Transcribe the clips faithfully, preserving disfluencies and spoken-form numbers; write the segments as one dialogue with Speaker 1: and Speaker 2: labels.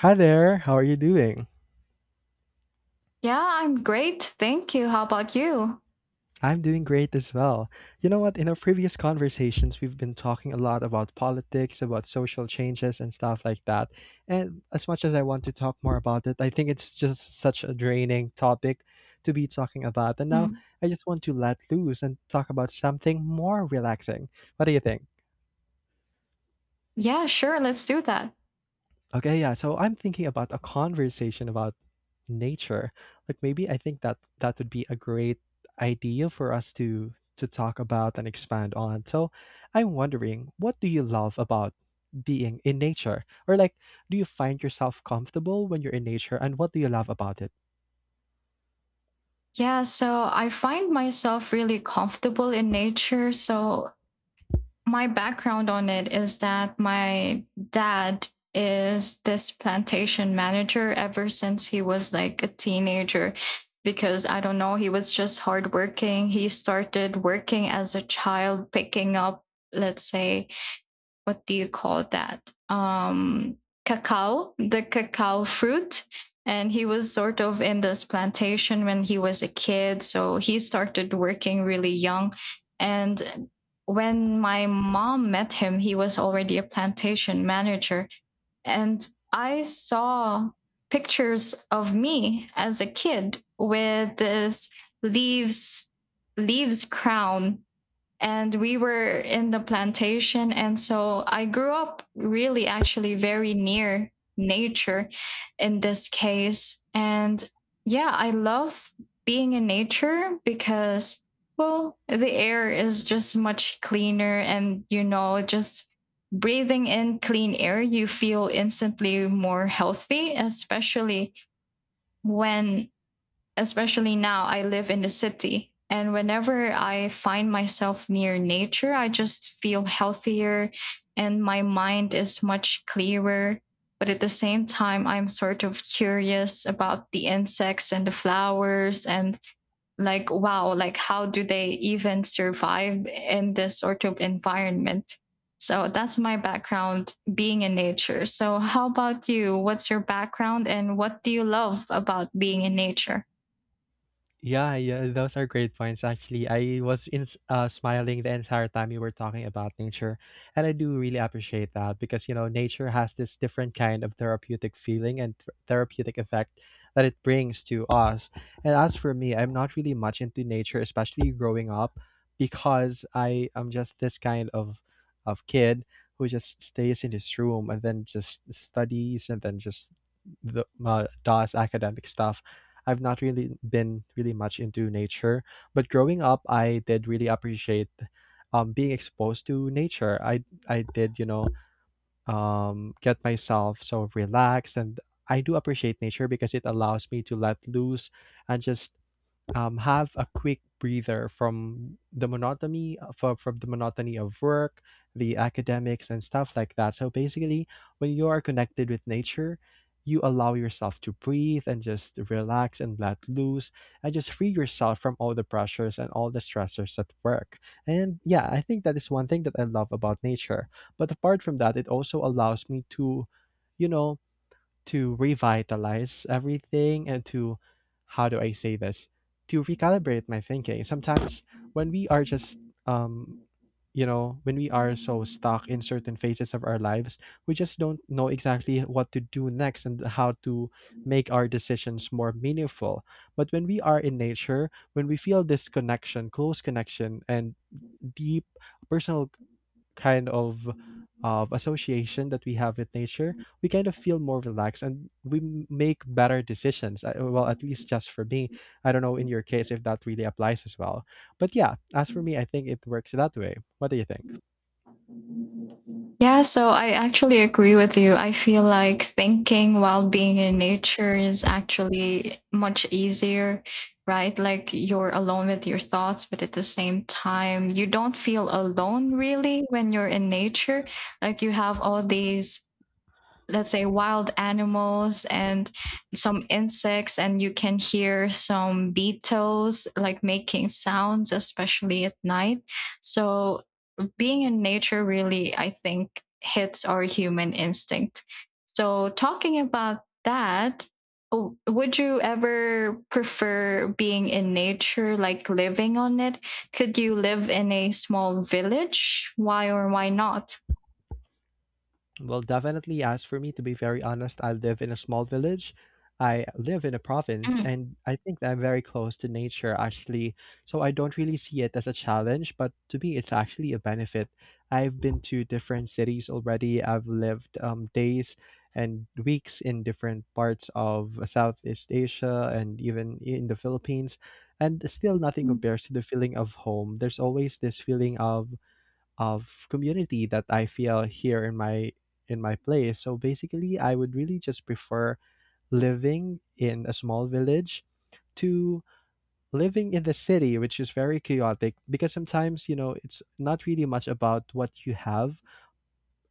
Speaker 1: Hi there, how are you doing?
Speaker 2: Yeah, I'm great. Thank you. How about you?
Speaker 1: I'm doing great as well. You know what? In our previous conversations, we've been talking a lot about politics, about social changes, and stuff like that. And as much as I want to talk more about it, I think it's just such a draining topic to be talking about. And now
Speaker 2: Mm.
Speaker 1: I just want to let loose and talk about something more relaxing. What do you think?
Speaker 2: Yeah, sure. Let's do that.
Speaker 1: Okay, yeah. So I'm thinking about a conversation about nature. Like maybe I think that that would be a great idea for us to to talk about and expand on. So I'm wondering, what do you love about being in nature? Or like, do you find yourself comfortable when you're in nature and what do you love about it?
Speaker 2: Yeah, so I find myself really comfortable in nature. So my background on it is that my dad is this plantation manager ever since he was like a teenager because I don't know, he was just hardworking. He started working as a child, picking up, let's say, what do you call that? Um, cacao, the cacao fruit. And he was sort of in this plantation when he was a kid. So he started working really young. And when my mom met him, he was already a plantation manager. And I saw pictures of me as a kid with this leaves leaves crown, and we were in the plantation. And so I grew up really actually very near nature in this case. And yeah, I love being in nature because well, the air is just much cleaner, and you know, just breathing in clean air, you feel instantly more healthy, especially when especially now I live in the city. And whenever I find myself near nature, I just feel healthier and my mind is much clearer. But at the same time, I'm sort of curious about the insects and the flowers, and like, wow, like how do they even survive in this sort of environment? So that's my background being in nature. So, how about you? What's your background and what do you love about being in nature?
Speaker 1: Yeah, yeah, those are great points. Actually, I was in s- uh, smiling the entire time you were talking about nature, and I do really appreciate that because you know nature has this different kind of therapeutic feeling and th- therapeutic effect that it brings to us. And as for me, I'm not really much into nature, especially growing up, because I am just this kind of of kid who just stays in his room and then just studies and then just the, uh, does academic stuff. I've not really been really much into nature, but growing up, I did really appreciate, um, being exposed to nature. I I did, you know um, get myself so relaxed, and I do appreciate nature because it allows me to let loose and just, um, have a quick breather from the monotony from, from the monotony of work, the academics and stuff like that. So basically, when you are connected with nature, you allow yourself to breathe and just relax and let loose and just free yourself from all the pressures and all the stressors at work. And yeah, I think that is one thing that I love about nature. But apart from that, it also allows me to, you know, to revitalize everything and to, how do I say this, to recalibrate my thinking. Sometimes when we are just um you know when we are so stuck in certain phases of our lives, we just don't know exactly what to do next and how to make our decisions more meaningful. But when we are in nature, when we feel this connection, close connection, and deep personal kind of of association that we have with nature, we kind of feel more relaxed and we m- make better decisions. I- Well, at least just for me. I don't know in your case if that really applies as well. But yeah, as for me, I think it works that way. What do you think?
Speaker 2: Yeah, so I actually agree with you. I feel like thinking while being in nature is actually much easier, right? Like you're alone with your thoughts, but at the same time, you don't feel alone really when you're in nature. Like you have all these, let's say, wild animals and some insects, and you can hear some beetles like making sounds, especially at night. So being in nature really, I think, hits our human instinct. So, talking about that, oh, would you ever prefer being in nature, like living on it? Could you live in a small village? Why or why not?
Speaker 1: Well, definitely. As for me, to be very honest, I live in a small village. I live in a province,
Speaker 2: Mm.
Speaker 1: and I think that I'm very close to nature, actually. So I don't really see it as a challenge, but to me, it's actually a benefit. I've been to different cities already. I've lived, um, days and weeks in different parts of Southeast Asia and even in the Philippines, and still nothing compares to the feeling of home. There's always this feeling of of community that I feel here in my, in my place. So basically, I would really just prefer living in a small village to living in the city, which is very chaotic because sometimes, you know, it's not really much about what you have,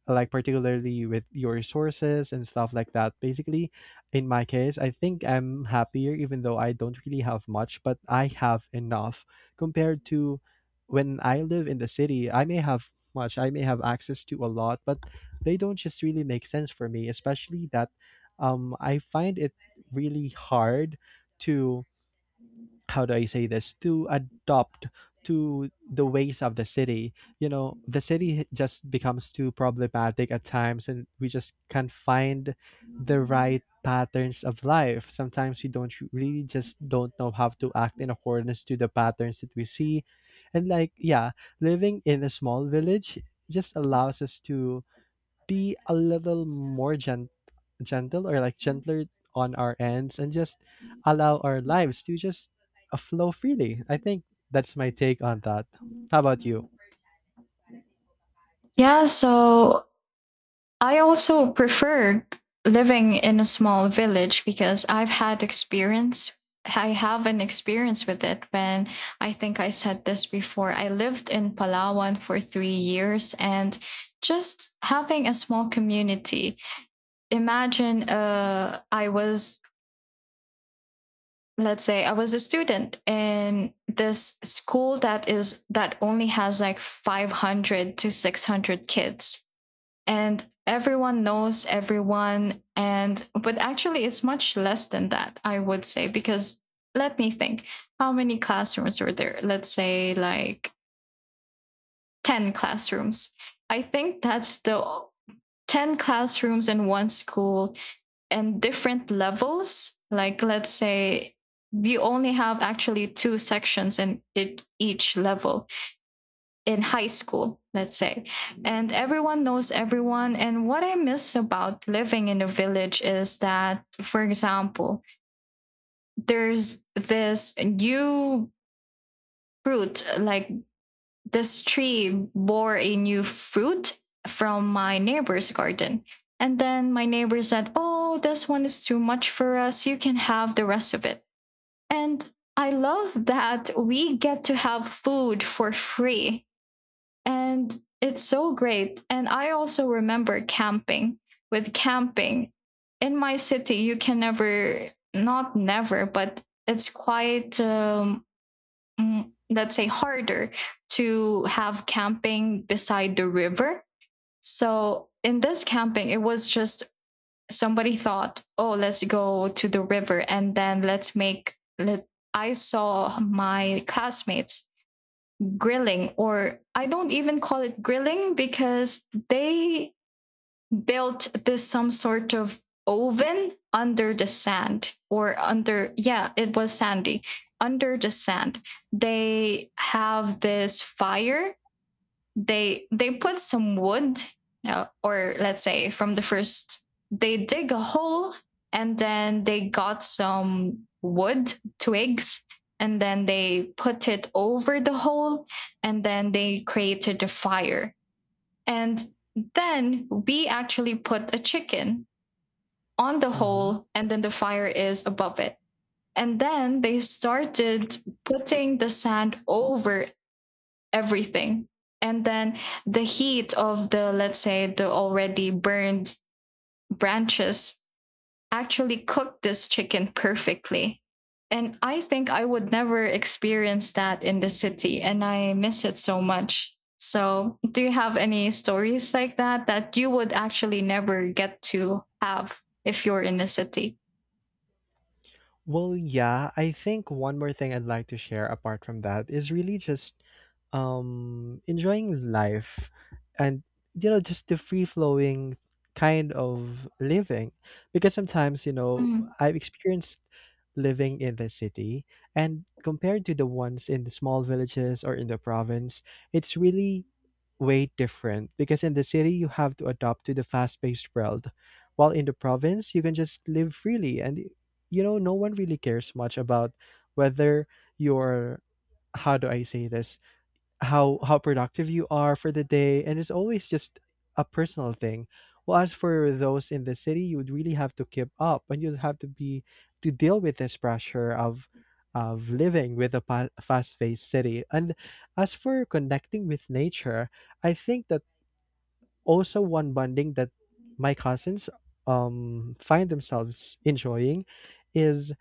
Speaker 1: like particularly with your sources and stuff like that. Basically, in my case, I think I'm happier even though I don't really have much, but I have enough compared to when I live in the city. I may have much, I may have access to a lot, but they don't just really make sense for me, especially that, um I find it really hard to, how do I say this, to adopt to the ways of the city. You know, the city just becomes too problematic at times, and we just can't find the right patterns of life. Sometimes we don't really just don't know how to act in accordance to the patterns that we see. And like, yeah, living in a small village just allows us to be a little more gentle gentle, or like gentler on our ends and just allow our lives to just, uh, flow freely. I think that's my take on that. How about you?
Speaker 2: Yeah, so I also prefer living in a small village because I've had experience. I have an experience with it when, I think I said this before, I lived in Palawan for three years. And just having a small community. Imagine uh, I was, let's say, I was a student in this school that is that only has like five hundred to six hundred kids, and everyone knows everyone. And but actually it's much less than that, I would say, because let me think, how many classrooms were there? Let's say like ten classrooms. I think that's the ten classrooms in one school. And different levels, like let's say you only have actually two sections in it, each level, in high school, let's say. And everyone knows everyone. And what I miss about living in a village is that, for example, there's this new fruit, like this tree bore a new fruit from my neighbor's garden. And then my neighbor said, "Oh, this one is too much for us. You can have the rest of it." And I love that we get to have food for free. And it's so great. And I also remember camping. With camping in my city, you can never, not never, but it's quite, um, mm, let's say, harder to have camping beside the river. So in this camping, it was just somebody thought, oh, let's go to the river and then let's make, let, I saw my classmates grilling, or I don't even call it grilling because they built this some sort of oven under the sand, or under, yeah, it was sandy, under the sand. They have this fire. They they put some wood, uh, or let's say, from the first they dig a hole, and then they got some wood twigs, and then they put it over the hole, and then they created a fire. And then we actually put a chicken on the
Speaker 1: Mm-hmm.
Speaker 2: hole, and then the fire is above it. And then they started putting the sand over everything. And then the heat of the, let's say, the already burned branches actually cooked this chicken perfectly. And I think I would never experience that in the city, and I miss it so much. So do you have any stories like that that you would actually never get to have if you're in the city?
Speaker 1: Well, yeah, I think one more thing I'd like to share apart from that is really just, um enjoying life and, you know, just the free flowing kind of living because sometimes, you know,
Speaker 2: Hmm.
Speaker 1: I've experienced living in the city, and compared to the ones in the small villages or in the province, it's really way different because in the city you have to adapt to the fast-paced world, while in the province you can just live freely and, you know, no one really cares much about whether you're, how do I say this, how how productive you are for the day, and it's always just a personal thing. Well, as for those in the city, you would really have to keep up and you'd have to be, to deal with this pressure of of living with a pa- fast-paced city. And as for connecting with nature, I think that also one bonding that my cousins, um find themselves enjoying is,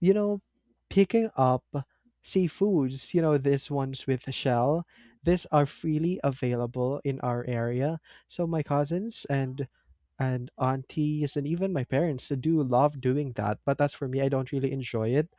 Speaker 1: you know, picking up seafoods, you know, these ones with a shell, these are freely available in our area. So my cousins and and aunties and even my parents do love doing that. But as for me, I don't really enjoy it,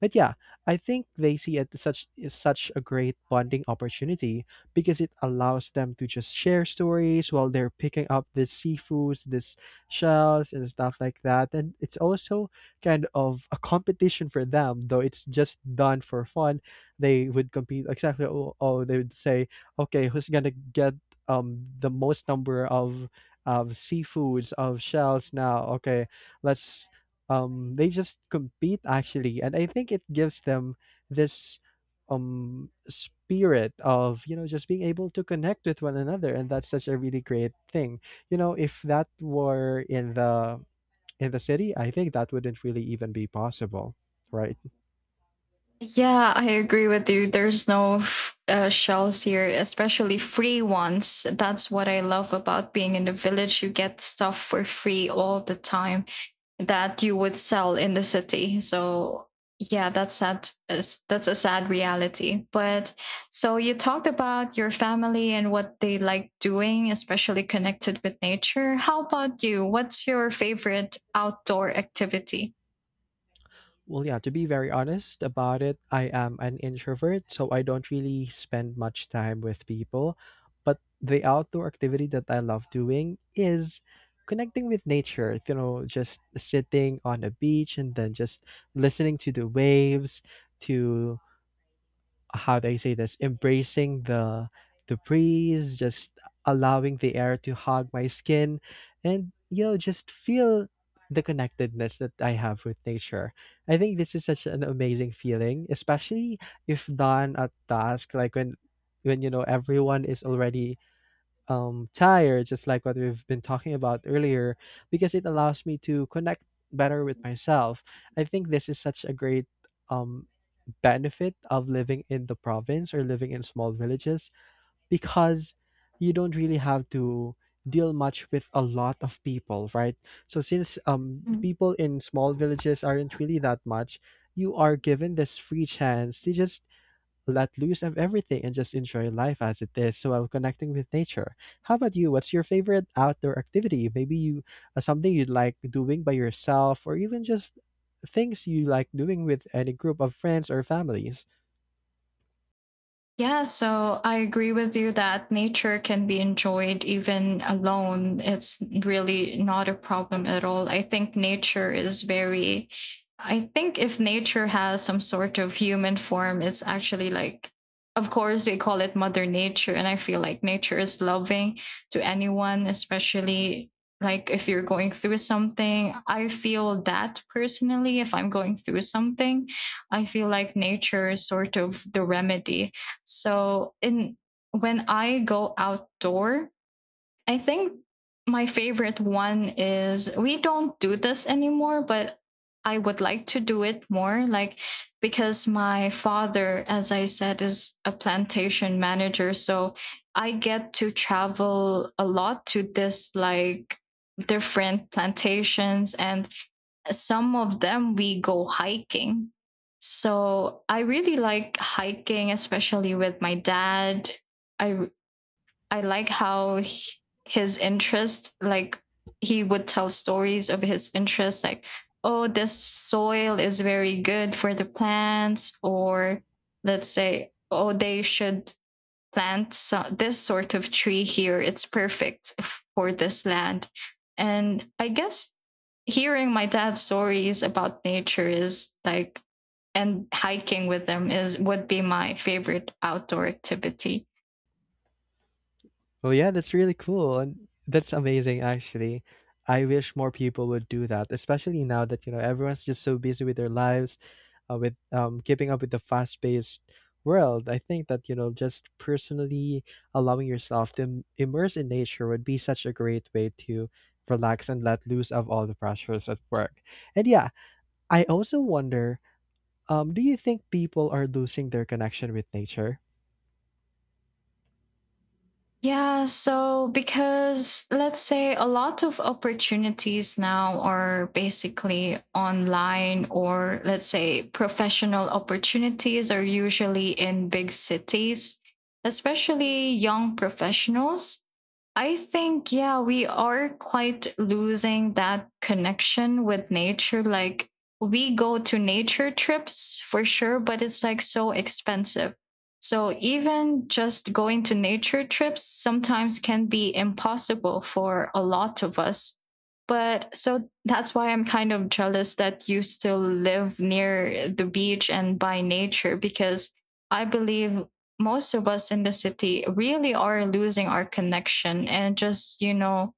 Speaker 1: but yeah, I think they see it such is such a great bonding opportunity because it allows them to just share stories while they're picking up this seafoods, this shells and stuff like that. And it's also kind of a competition for them, though it's just done for fun. They would compete exactly. Oh, oh they would say, okay, who's gonna get, um the most number of of seafoods, of shells now? Okay, let's um they just compete actually, and I think it gives them this, um spirit of, you know, just being able to connect with one another, and that's such a really great thing. You know, if that were in the, in the city, I think that wouldn't really even be possible, right?
Speaker 2: Yeah, I agree with you. There's no f- uh, shells here, especially free ones. That's what I love about being in the village. You get stuff for free all the time that you would sell in the city. So, yeah, that's sad. is- That's a sad reality. But so you talked about your family and what they like doing, especially connected with nature. How about you? What's your favorite outdoor activity?
Speaker 1: Well, yeah, to be very honest about it, I am an introvert, so I don't really spend much time with people. But the outdoor activity that I love doing is connecting with nature, you know, just sitting on a beach and then just listening to the waves, to, how do I say this? Embracing the the breeze, just allowing the air to hug my skin, and you know, just feel the connectedness that I have with nature. I think this is such an amazing feeling, especially if done at dusk, like when when you know everyone is already, um tired, just like what we've been talking about earlier, because it allows me to connect better with myself. I think this is such a great, um benefit of living in the province or living in small villages because you don't really have to deal much with a lot of people, right? So since, um the
Speaker 2: Ừm.
Speaker 1: people in small villages aren't really that much, you are given this free chance to just let loose of everything and just enjoy life as it is while connecting with nature. How about you? What's your favorite outdoor activity? Maybe you, uh, something you'd like doing by yourself, or even just things you like doing with any group of friends or families.
Speaker 2: Yeah, so I agree with you that nature can be enjoyed even alone. It's really not a problem at all. I think nature is very, I think if nature has some sort of human form, it's actually like, of course, we call it Mother Nature. And I feel like nature is loving to anyone, especially like if you're going through something. I feel that personally, if I'm going through something, I feel like nature is sort of the remedy. So in, when I go outdoor, I think my favorite one is, we don't do this anymore, but I would like to do it more. Like because my father, as I said, is a plantation manager, so I get to travel a lot to this like different plantations, and some of them we go hiking. So I really like hiking, especially with my dad. I I like how he- his interest, like he would tell stories of his interest, like, oh, this soil is very good for the plants, or let's say, oh, they should plant so, this sort of tree here. It's perfect for this land. And I guess hearing my dad's stories about nature is like, and hiking with them is would be my favorite outdoor activity.
Speaker 1: Well, yeah, that's really cool. And that's amazing, actually. I wish more people would do that, especially now that, you know, everyone's just so busy with their lives, uh, with um, keeping up with the fast paced world. I think that, you know, just personally allowing yourself to im- immerse in nature would be such a great way to relax and let loose of all the pressures at work. And yeah, I also wonder, um, do you think people are losing their connection with nature?
Speaker 2: Yeah, so because let's say a lot of opportunities now are basically online, or let's say professional opportunities are usually in big cities, especially young professionals. I think, yeah, we are quite losing that connection with nature. Like, we go to nature trips for sure, but it's like so expensive, so even just going to nature trips sometimes can be impossible for a lot of us. But so that's why I'm kind of jealous that you still live near the beach and by nature, because I believe most of us in the city really are losing our connection, and just, you know,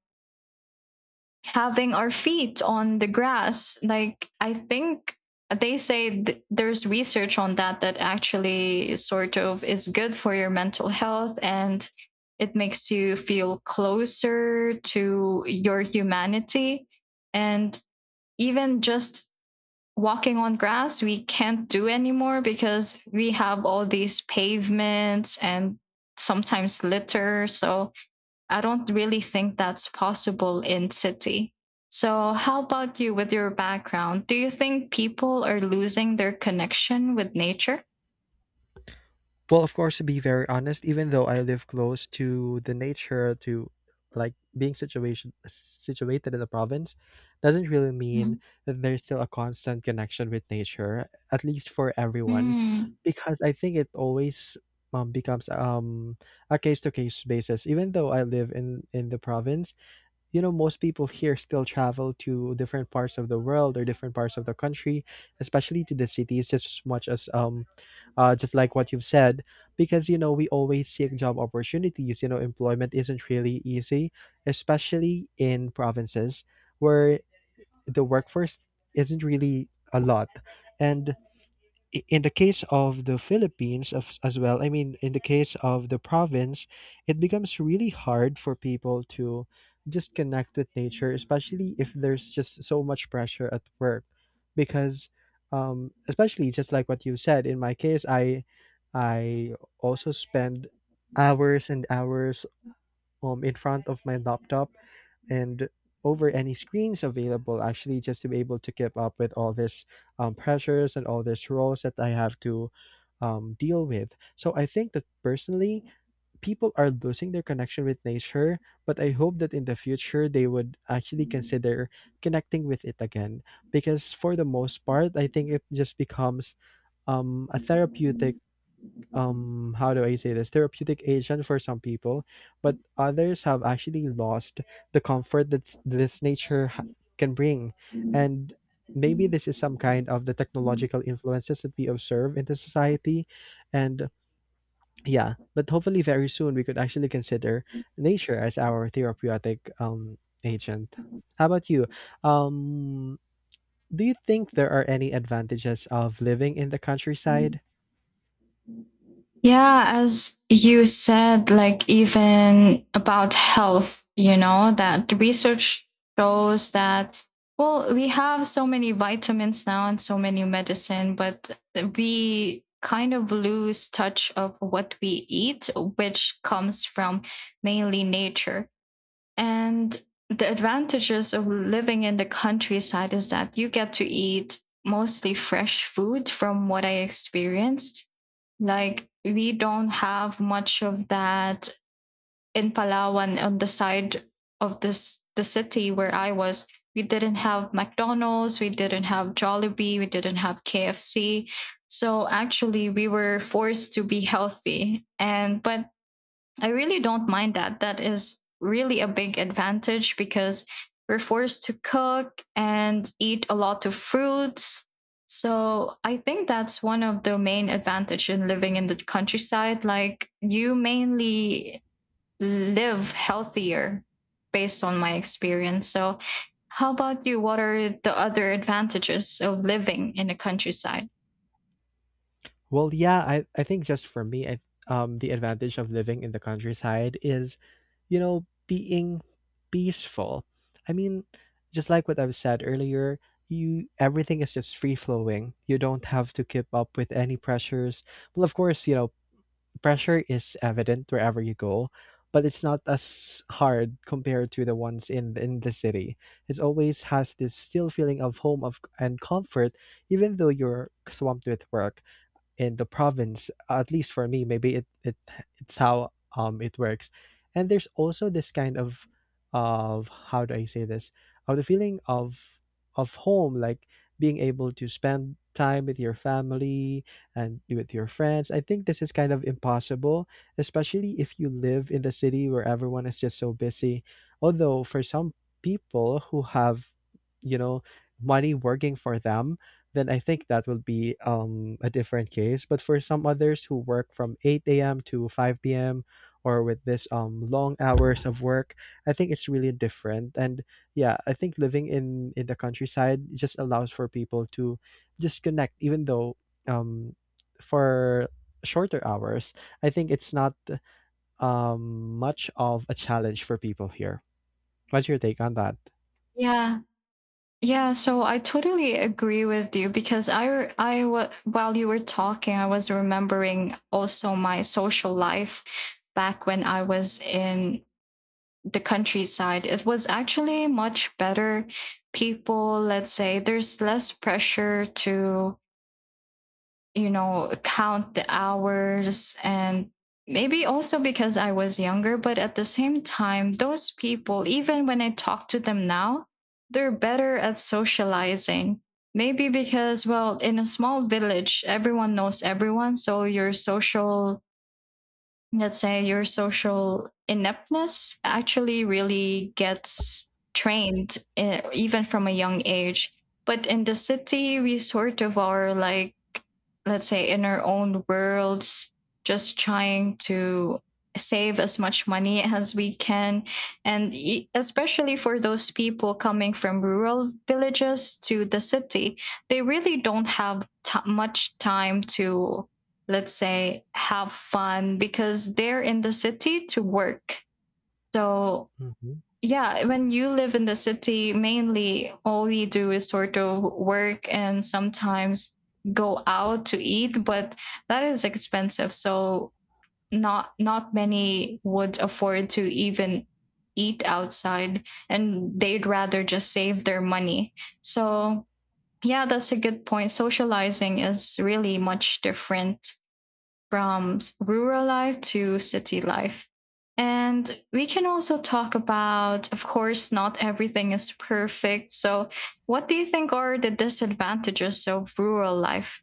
Speaker 2: having our feet on the grass. Like I think they say, th- there's research on that that actually sort of is good for your mental health, and it makes you feel closer to your humanity. And even just walking on grass, we can't do anymore because we have all these pavements and sometimes litter. So I don't really think that's possible in city. So, how about you with your background? Do you think people are losing their connection with nature?
Speaker 1: Well, of course, to be very honest, even though I live close to the nature, to like being situation situated in the province, doesn't really
Speaker 2: Mm.
Speaker 1: mean that there's still a constant connection with nature, at least for everyone,
Speaker 2: Mm.
Speaker 1: because I think it always, um, becomes, um a case to case basis. Even though I live in in the province, you know most people here still travel to different parts of the world or different parts of the country especially to the cities just as much as um uh, just like what you've said because you know we always seek job opportunities. You know employment isn't really easy especially in provinces where the workforce isn't really a lot. And i- in the case of the Philippines of, as well, I mean, in the case of the province, it becomes really hard for people to just connect with nature, especially if there's just so much pressure at work. Because, um, especially just like what you said, in my case, I, I also spend hours and hours um in front of my laptop and over any screens available actually just to be able to keep up with all this um, pressures and all these roles that I have to um, deal with. So I think that personally people are losing their connection with nature, but I hope that in the future they would actually consider connecting with it again, because for the most part I think it just becomes um, a therapeutic um how do I say this — therapeutic agent for some people, but others have actually lost the comfort that this nature ha- can bring. And maybe this is some kind of the technological influences that we observe in the society. And yeah, but hopefully very soon we could actually consider nature as our therapeutic um agent. How about you? um do you think there are any advantages of living in the countryside?
Speaker 2: Yeah, as you said, like even about health, you know, that the research shows that, well, we have so many vitamins now and so many medicine, but we kind of lose touch of what we eat, which comes from mainly nature. And the advantages of living in the countryside is that you get to eat mostly fresh food from what I experienced. Like we don't have much of that in Palawan, on the side of this the city where I was. We didn't have McDonald's, we didn't have Jollibee, we didn't have K F C. So actually we were forced to be healthy. And but I really don't mind that. That is really a big advantage because we're forced to cook and eat a lot of fruits. So I think that's one of the main advantage in living in the countryside. Like you mainly live healthier based on my experience. So how about you? What are the other advantages of living in the countryside?
Speaker 1: Well, yeah, I, I think just for me, I, um, the advantage of living in the countryside is, you know, being peaceful. I mean, just like what I've said earlier, you everything is just free flowing. You don't have to keep up with any pressures. Well, of course, you know, pressure is evident wherever you go, but it's not as hard compared to the ones in in the city. It always has this still feeling of home of and comfort, even though you're swamped with work in the province. At least for me, maybe it, it it's how um it works. And there's also this kind of of — how do I say this? — of the feeling of of home, like being able to spend time with your family and with your friends. I think this is kind of impossible, especially if you live in the city where everyone is just so busy. Although for some people who have, you know, money working for them, then I think that will be um, a different case. But for some others who work from eight a m to five p m or with this um, long hours of work, I think it's really different. And yeah, I think living in, in the countryside just allows for people to just connect, even though um, for shorter hours, I think it's not um, much of a challenge for people here. What's your take on that?
Speaker 2: Yeah, Yeah, so I totally agree with you because I I wa- while you were talking, I was remembering also my social life back when I was in the countryside. It was actually much better. People, let's say, there's less pressure to, you know, count the hours. And maybe also because I was younger, but at the same time, those people, even when I talk to them now, they're better at socializing. Maybe because, well, in a small village, everyone knows everyone. So your social, let's say your social ineptness actually really gets trained, uh, even from a young age. But in the city we sort of are like, let's say in our own worlds, just trying to save as much money as we can. And e- especially for those people coming from rural villages to the city, they really don't have t- much time to, let's say, have fun because they're in the city to work. So, yeah, when you live in the city, mainly all we do is sort of work and sometimes go out to eat, but that is expensive. So, not not many would afford to even eat outside, and they'd rather just save their money. So, yeah, that's a good point. Socializing is really much different from rural life to city life. And we can also talk about, of course, not everything is perfect. So, what do you think are the disadvantages of rural life?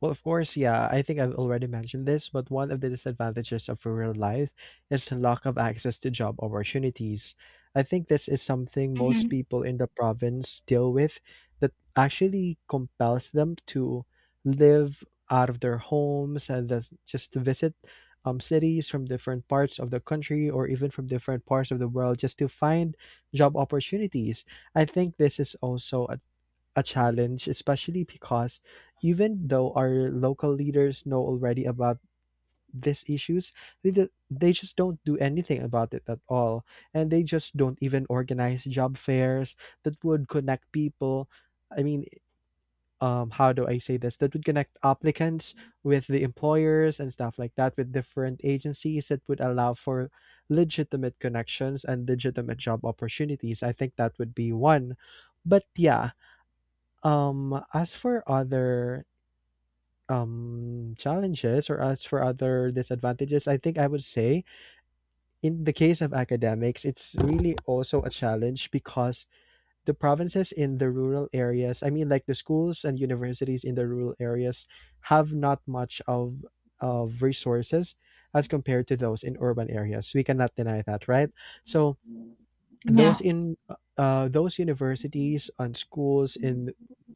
Speaker 1: Well, of course, yeah, I think I've already mentioned this, but one of the disadvantages of rural life is the lack of access to job opportunities. I think this is something most
Speaker 2: Mhm.
Speaker 1: people in the province deal with, that actually compels them to live out of their homes and thus just to visit um, cities from different parts of the country or even from different parts of the world just to find job opportunities. I think this is also a challenge, especially because even though our local leaders know already about these issues, they, do, they just don't do anything about it at all. And they just don't even organize job fairs that would connect people. I mean, um, how do I say this? That would connect applicants with the employers and stuff like that, with different agencies that would allow for legitimate connections and legitimate job opportunities. I think that would be one. But yeah, um, as for other um challenges, or as for other disadvantages, I think I would say in the case of academics, it's really also a challenge because the provinces in the rural areas, I mean like the schools and universities in the rural areas have not much of of resources as compared to those in urban areas. We cannot deny that, right? So those
Speaker 2: Yeah.
Speaker 1: in uh, those universities and schools in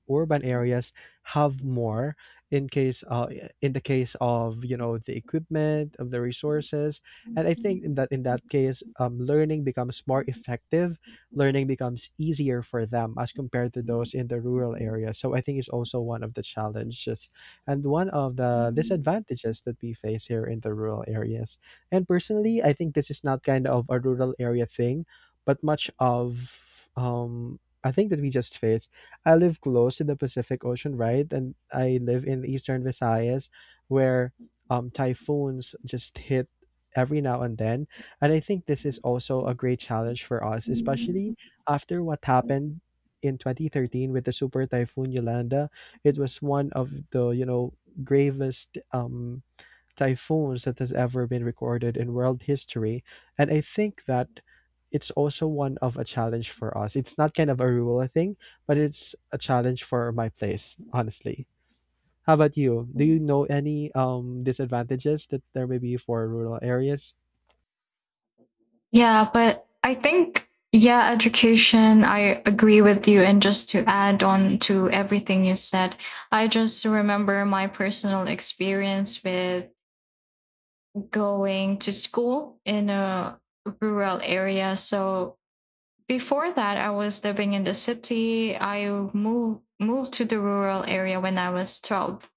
Speaker 1: urban areas have more in case uh, in the case of, you know, the equipment of the resources. And I think in that in that case, um, learning becomes more effective, learning becomes easier for them as compared to those in the rural area. So I think it's also one of the challenges and one of the disadvantages that we face here in the rural areas. And personally I think this is not kind of a rural area thing, but much of um I think that we just faced. I live close to the Pacific Ocean, right? And I live in eastern Visayas where um typhoons just hit every now and then. And I think this is also a great challenge for us, especially after what happened in twenty thirteen with the super typhoon Yolanda. It was one of the, you know, gravest um typhoons that has ever been recorded in world history. And I think that it's also one of a challenge for us. It's not kind of a rule thing, but it's a challenge for my place, honestly. How about you? Do you know any um disadvantages that there may be for rural areas?
Speaker 2: Yeah, but I think, yeah, education, I agree with you. And just to add on to everything you said, I just remember my personal experience with going to school in a rural area. So before that, I was living in the city. I moved moved to the rural area when I was twelve.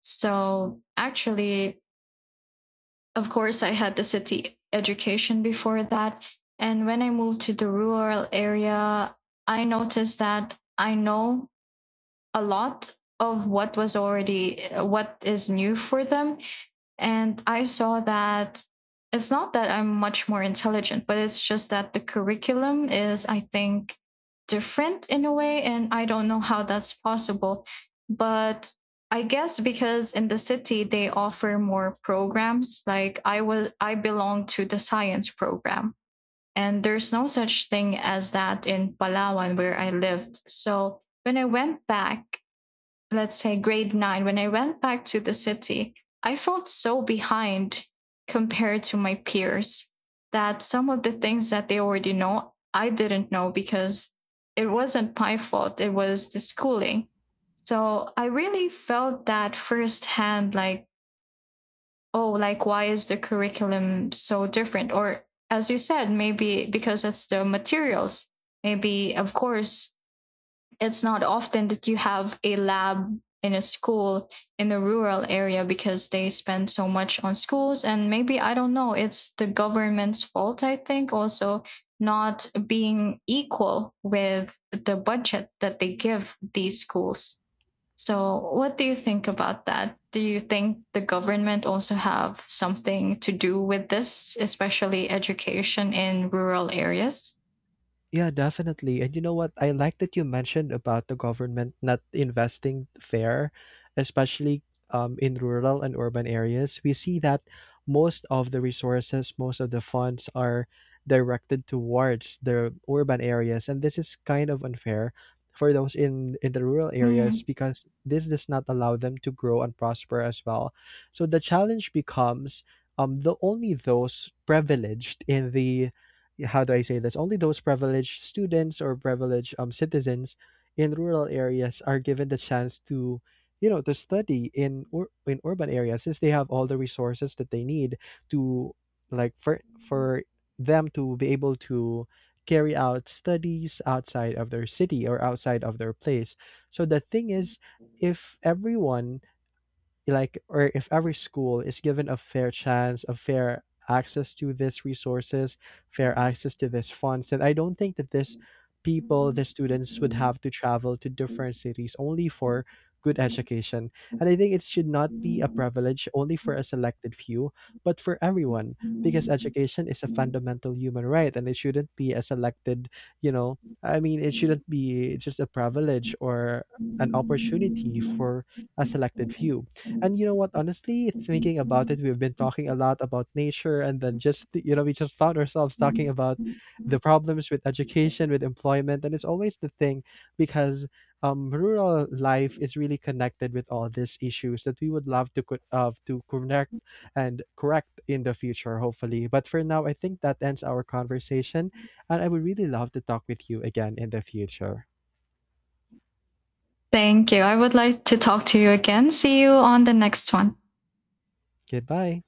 Speaker 2: So actually, of course, I had the city education before that. And when I moved to the rural area, I noticed that I know a lot of what was already what is new for them, and I saw that it's not that I'm much more intelligent, but it's just that the curriculum is, I think, different in a way. And I don't know how that's possible. But I guess because in the city they offer more programs. Like I was I belong to the science program. And there's no such thing as that in Palawan where I lived. So when I went back, let's say grade nine, when I went back to the city, I felt so behind compared to my peers, that some of the things that they already know, I didn't know because it wasn't my fault. It was the schooling. So I really felt that firsthand, like, oh, like, why is the curriculum so different? Or as you said, maybe because it's the materials. Maybe, of course, it's not often that you have a lab in a school in a rural area, because they spend so much on schools. And maybe, I don't know, it's the government's fault, I think, also not being equal with the budget that they give these schools. So what do you think about that? Do you think the government also have something to do with this, especially education in rural areas?
Speaker 1: Yeah, definitely. And you know what? I like that you mentioned about the government not investing fair, especially um, in rural and urban areas. We see that most of the resources, most of the funds are directed towards the urban areas, and this is kind of unfair for those in in the rural areas
Speaker 2: Mm.
Speaker 1: because this does not allow them to grow and prosper as well. So the challenge becomes um the only those privileged in the — how do I say this? Only those privileged students or privileged um, citizens in rural areas are given the chance to, you know, to study in ur- in urban areas since they have all the resources that they need to, like, for for them to be able to carry out studies outside of their city or outside of their place. So the thing is, if everyone like, or if every school is given a fair chance, a fair access to these resources, fair access to these funds, then I don't think that this people, the students would have to travel to different cities only for good education. And I think it should not be a privilege only for a selected few, but for everyone, because education is a fundamental human right and it shouldn't be a selected, you know, I mean, it shouldn't be just a privilege or an opportunity for a selected few. And you know what? Honestly, thinking about it, we've been talking a lot about nature, and then just th- you know, we just found ourselves talking about the problems with education, with employment, and it's always the thing because, um, rural life is really connected with all these issues that we would love to co- uh, to connect and correct in the future, hopefully. But for now, I think that ends our conversation, and I would really love to talk with you again in the future.
Speaker 2: Thank you. I would like to talk to you again. See you on the next one.
Speaker 1: Goodbye.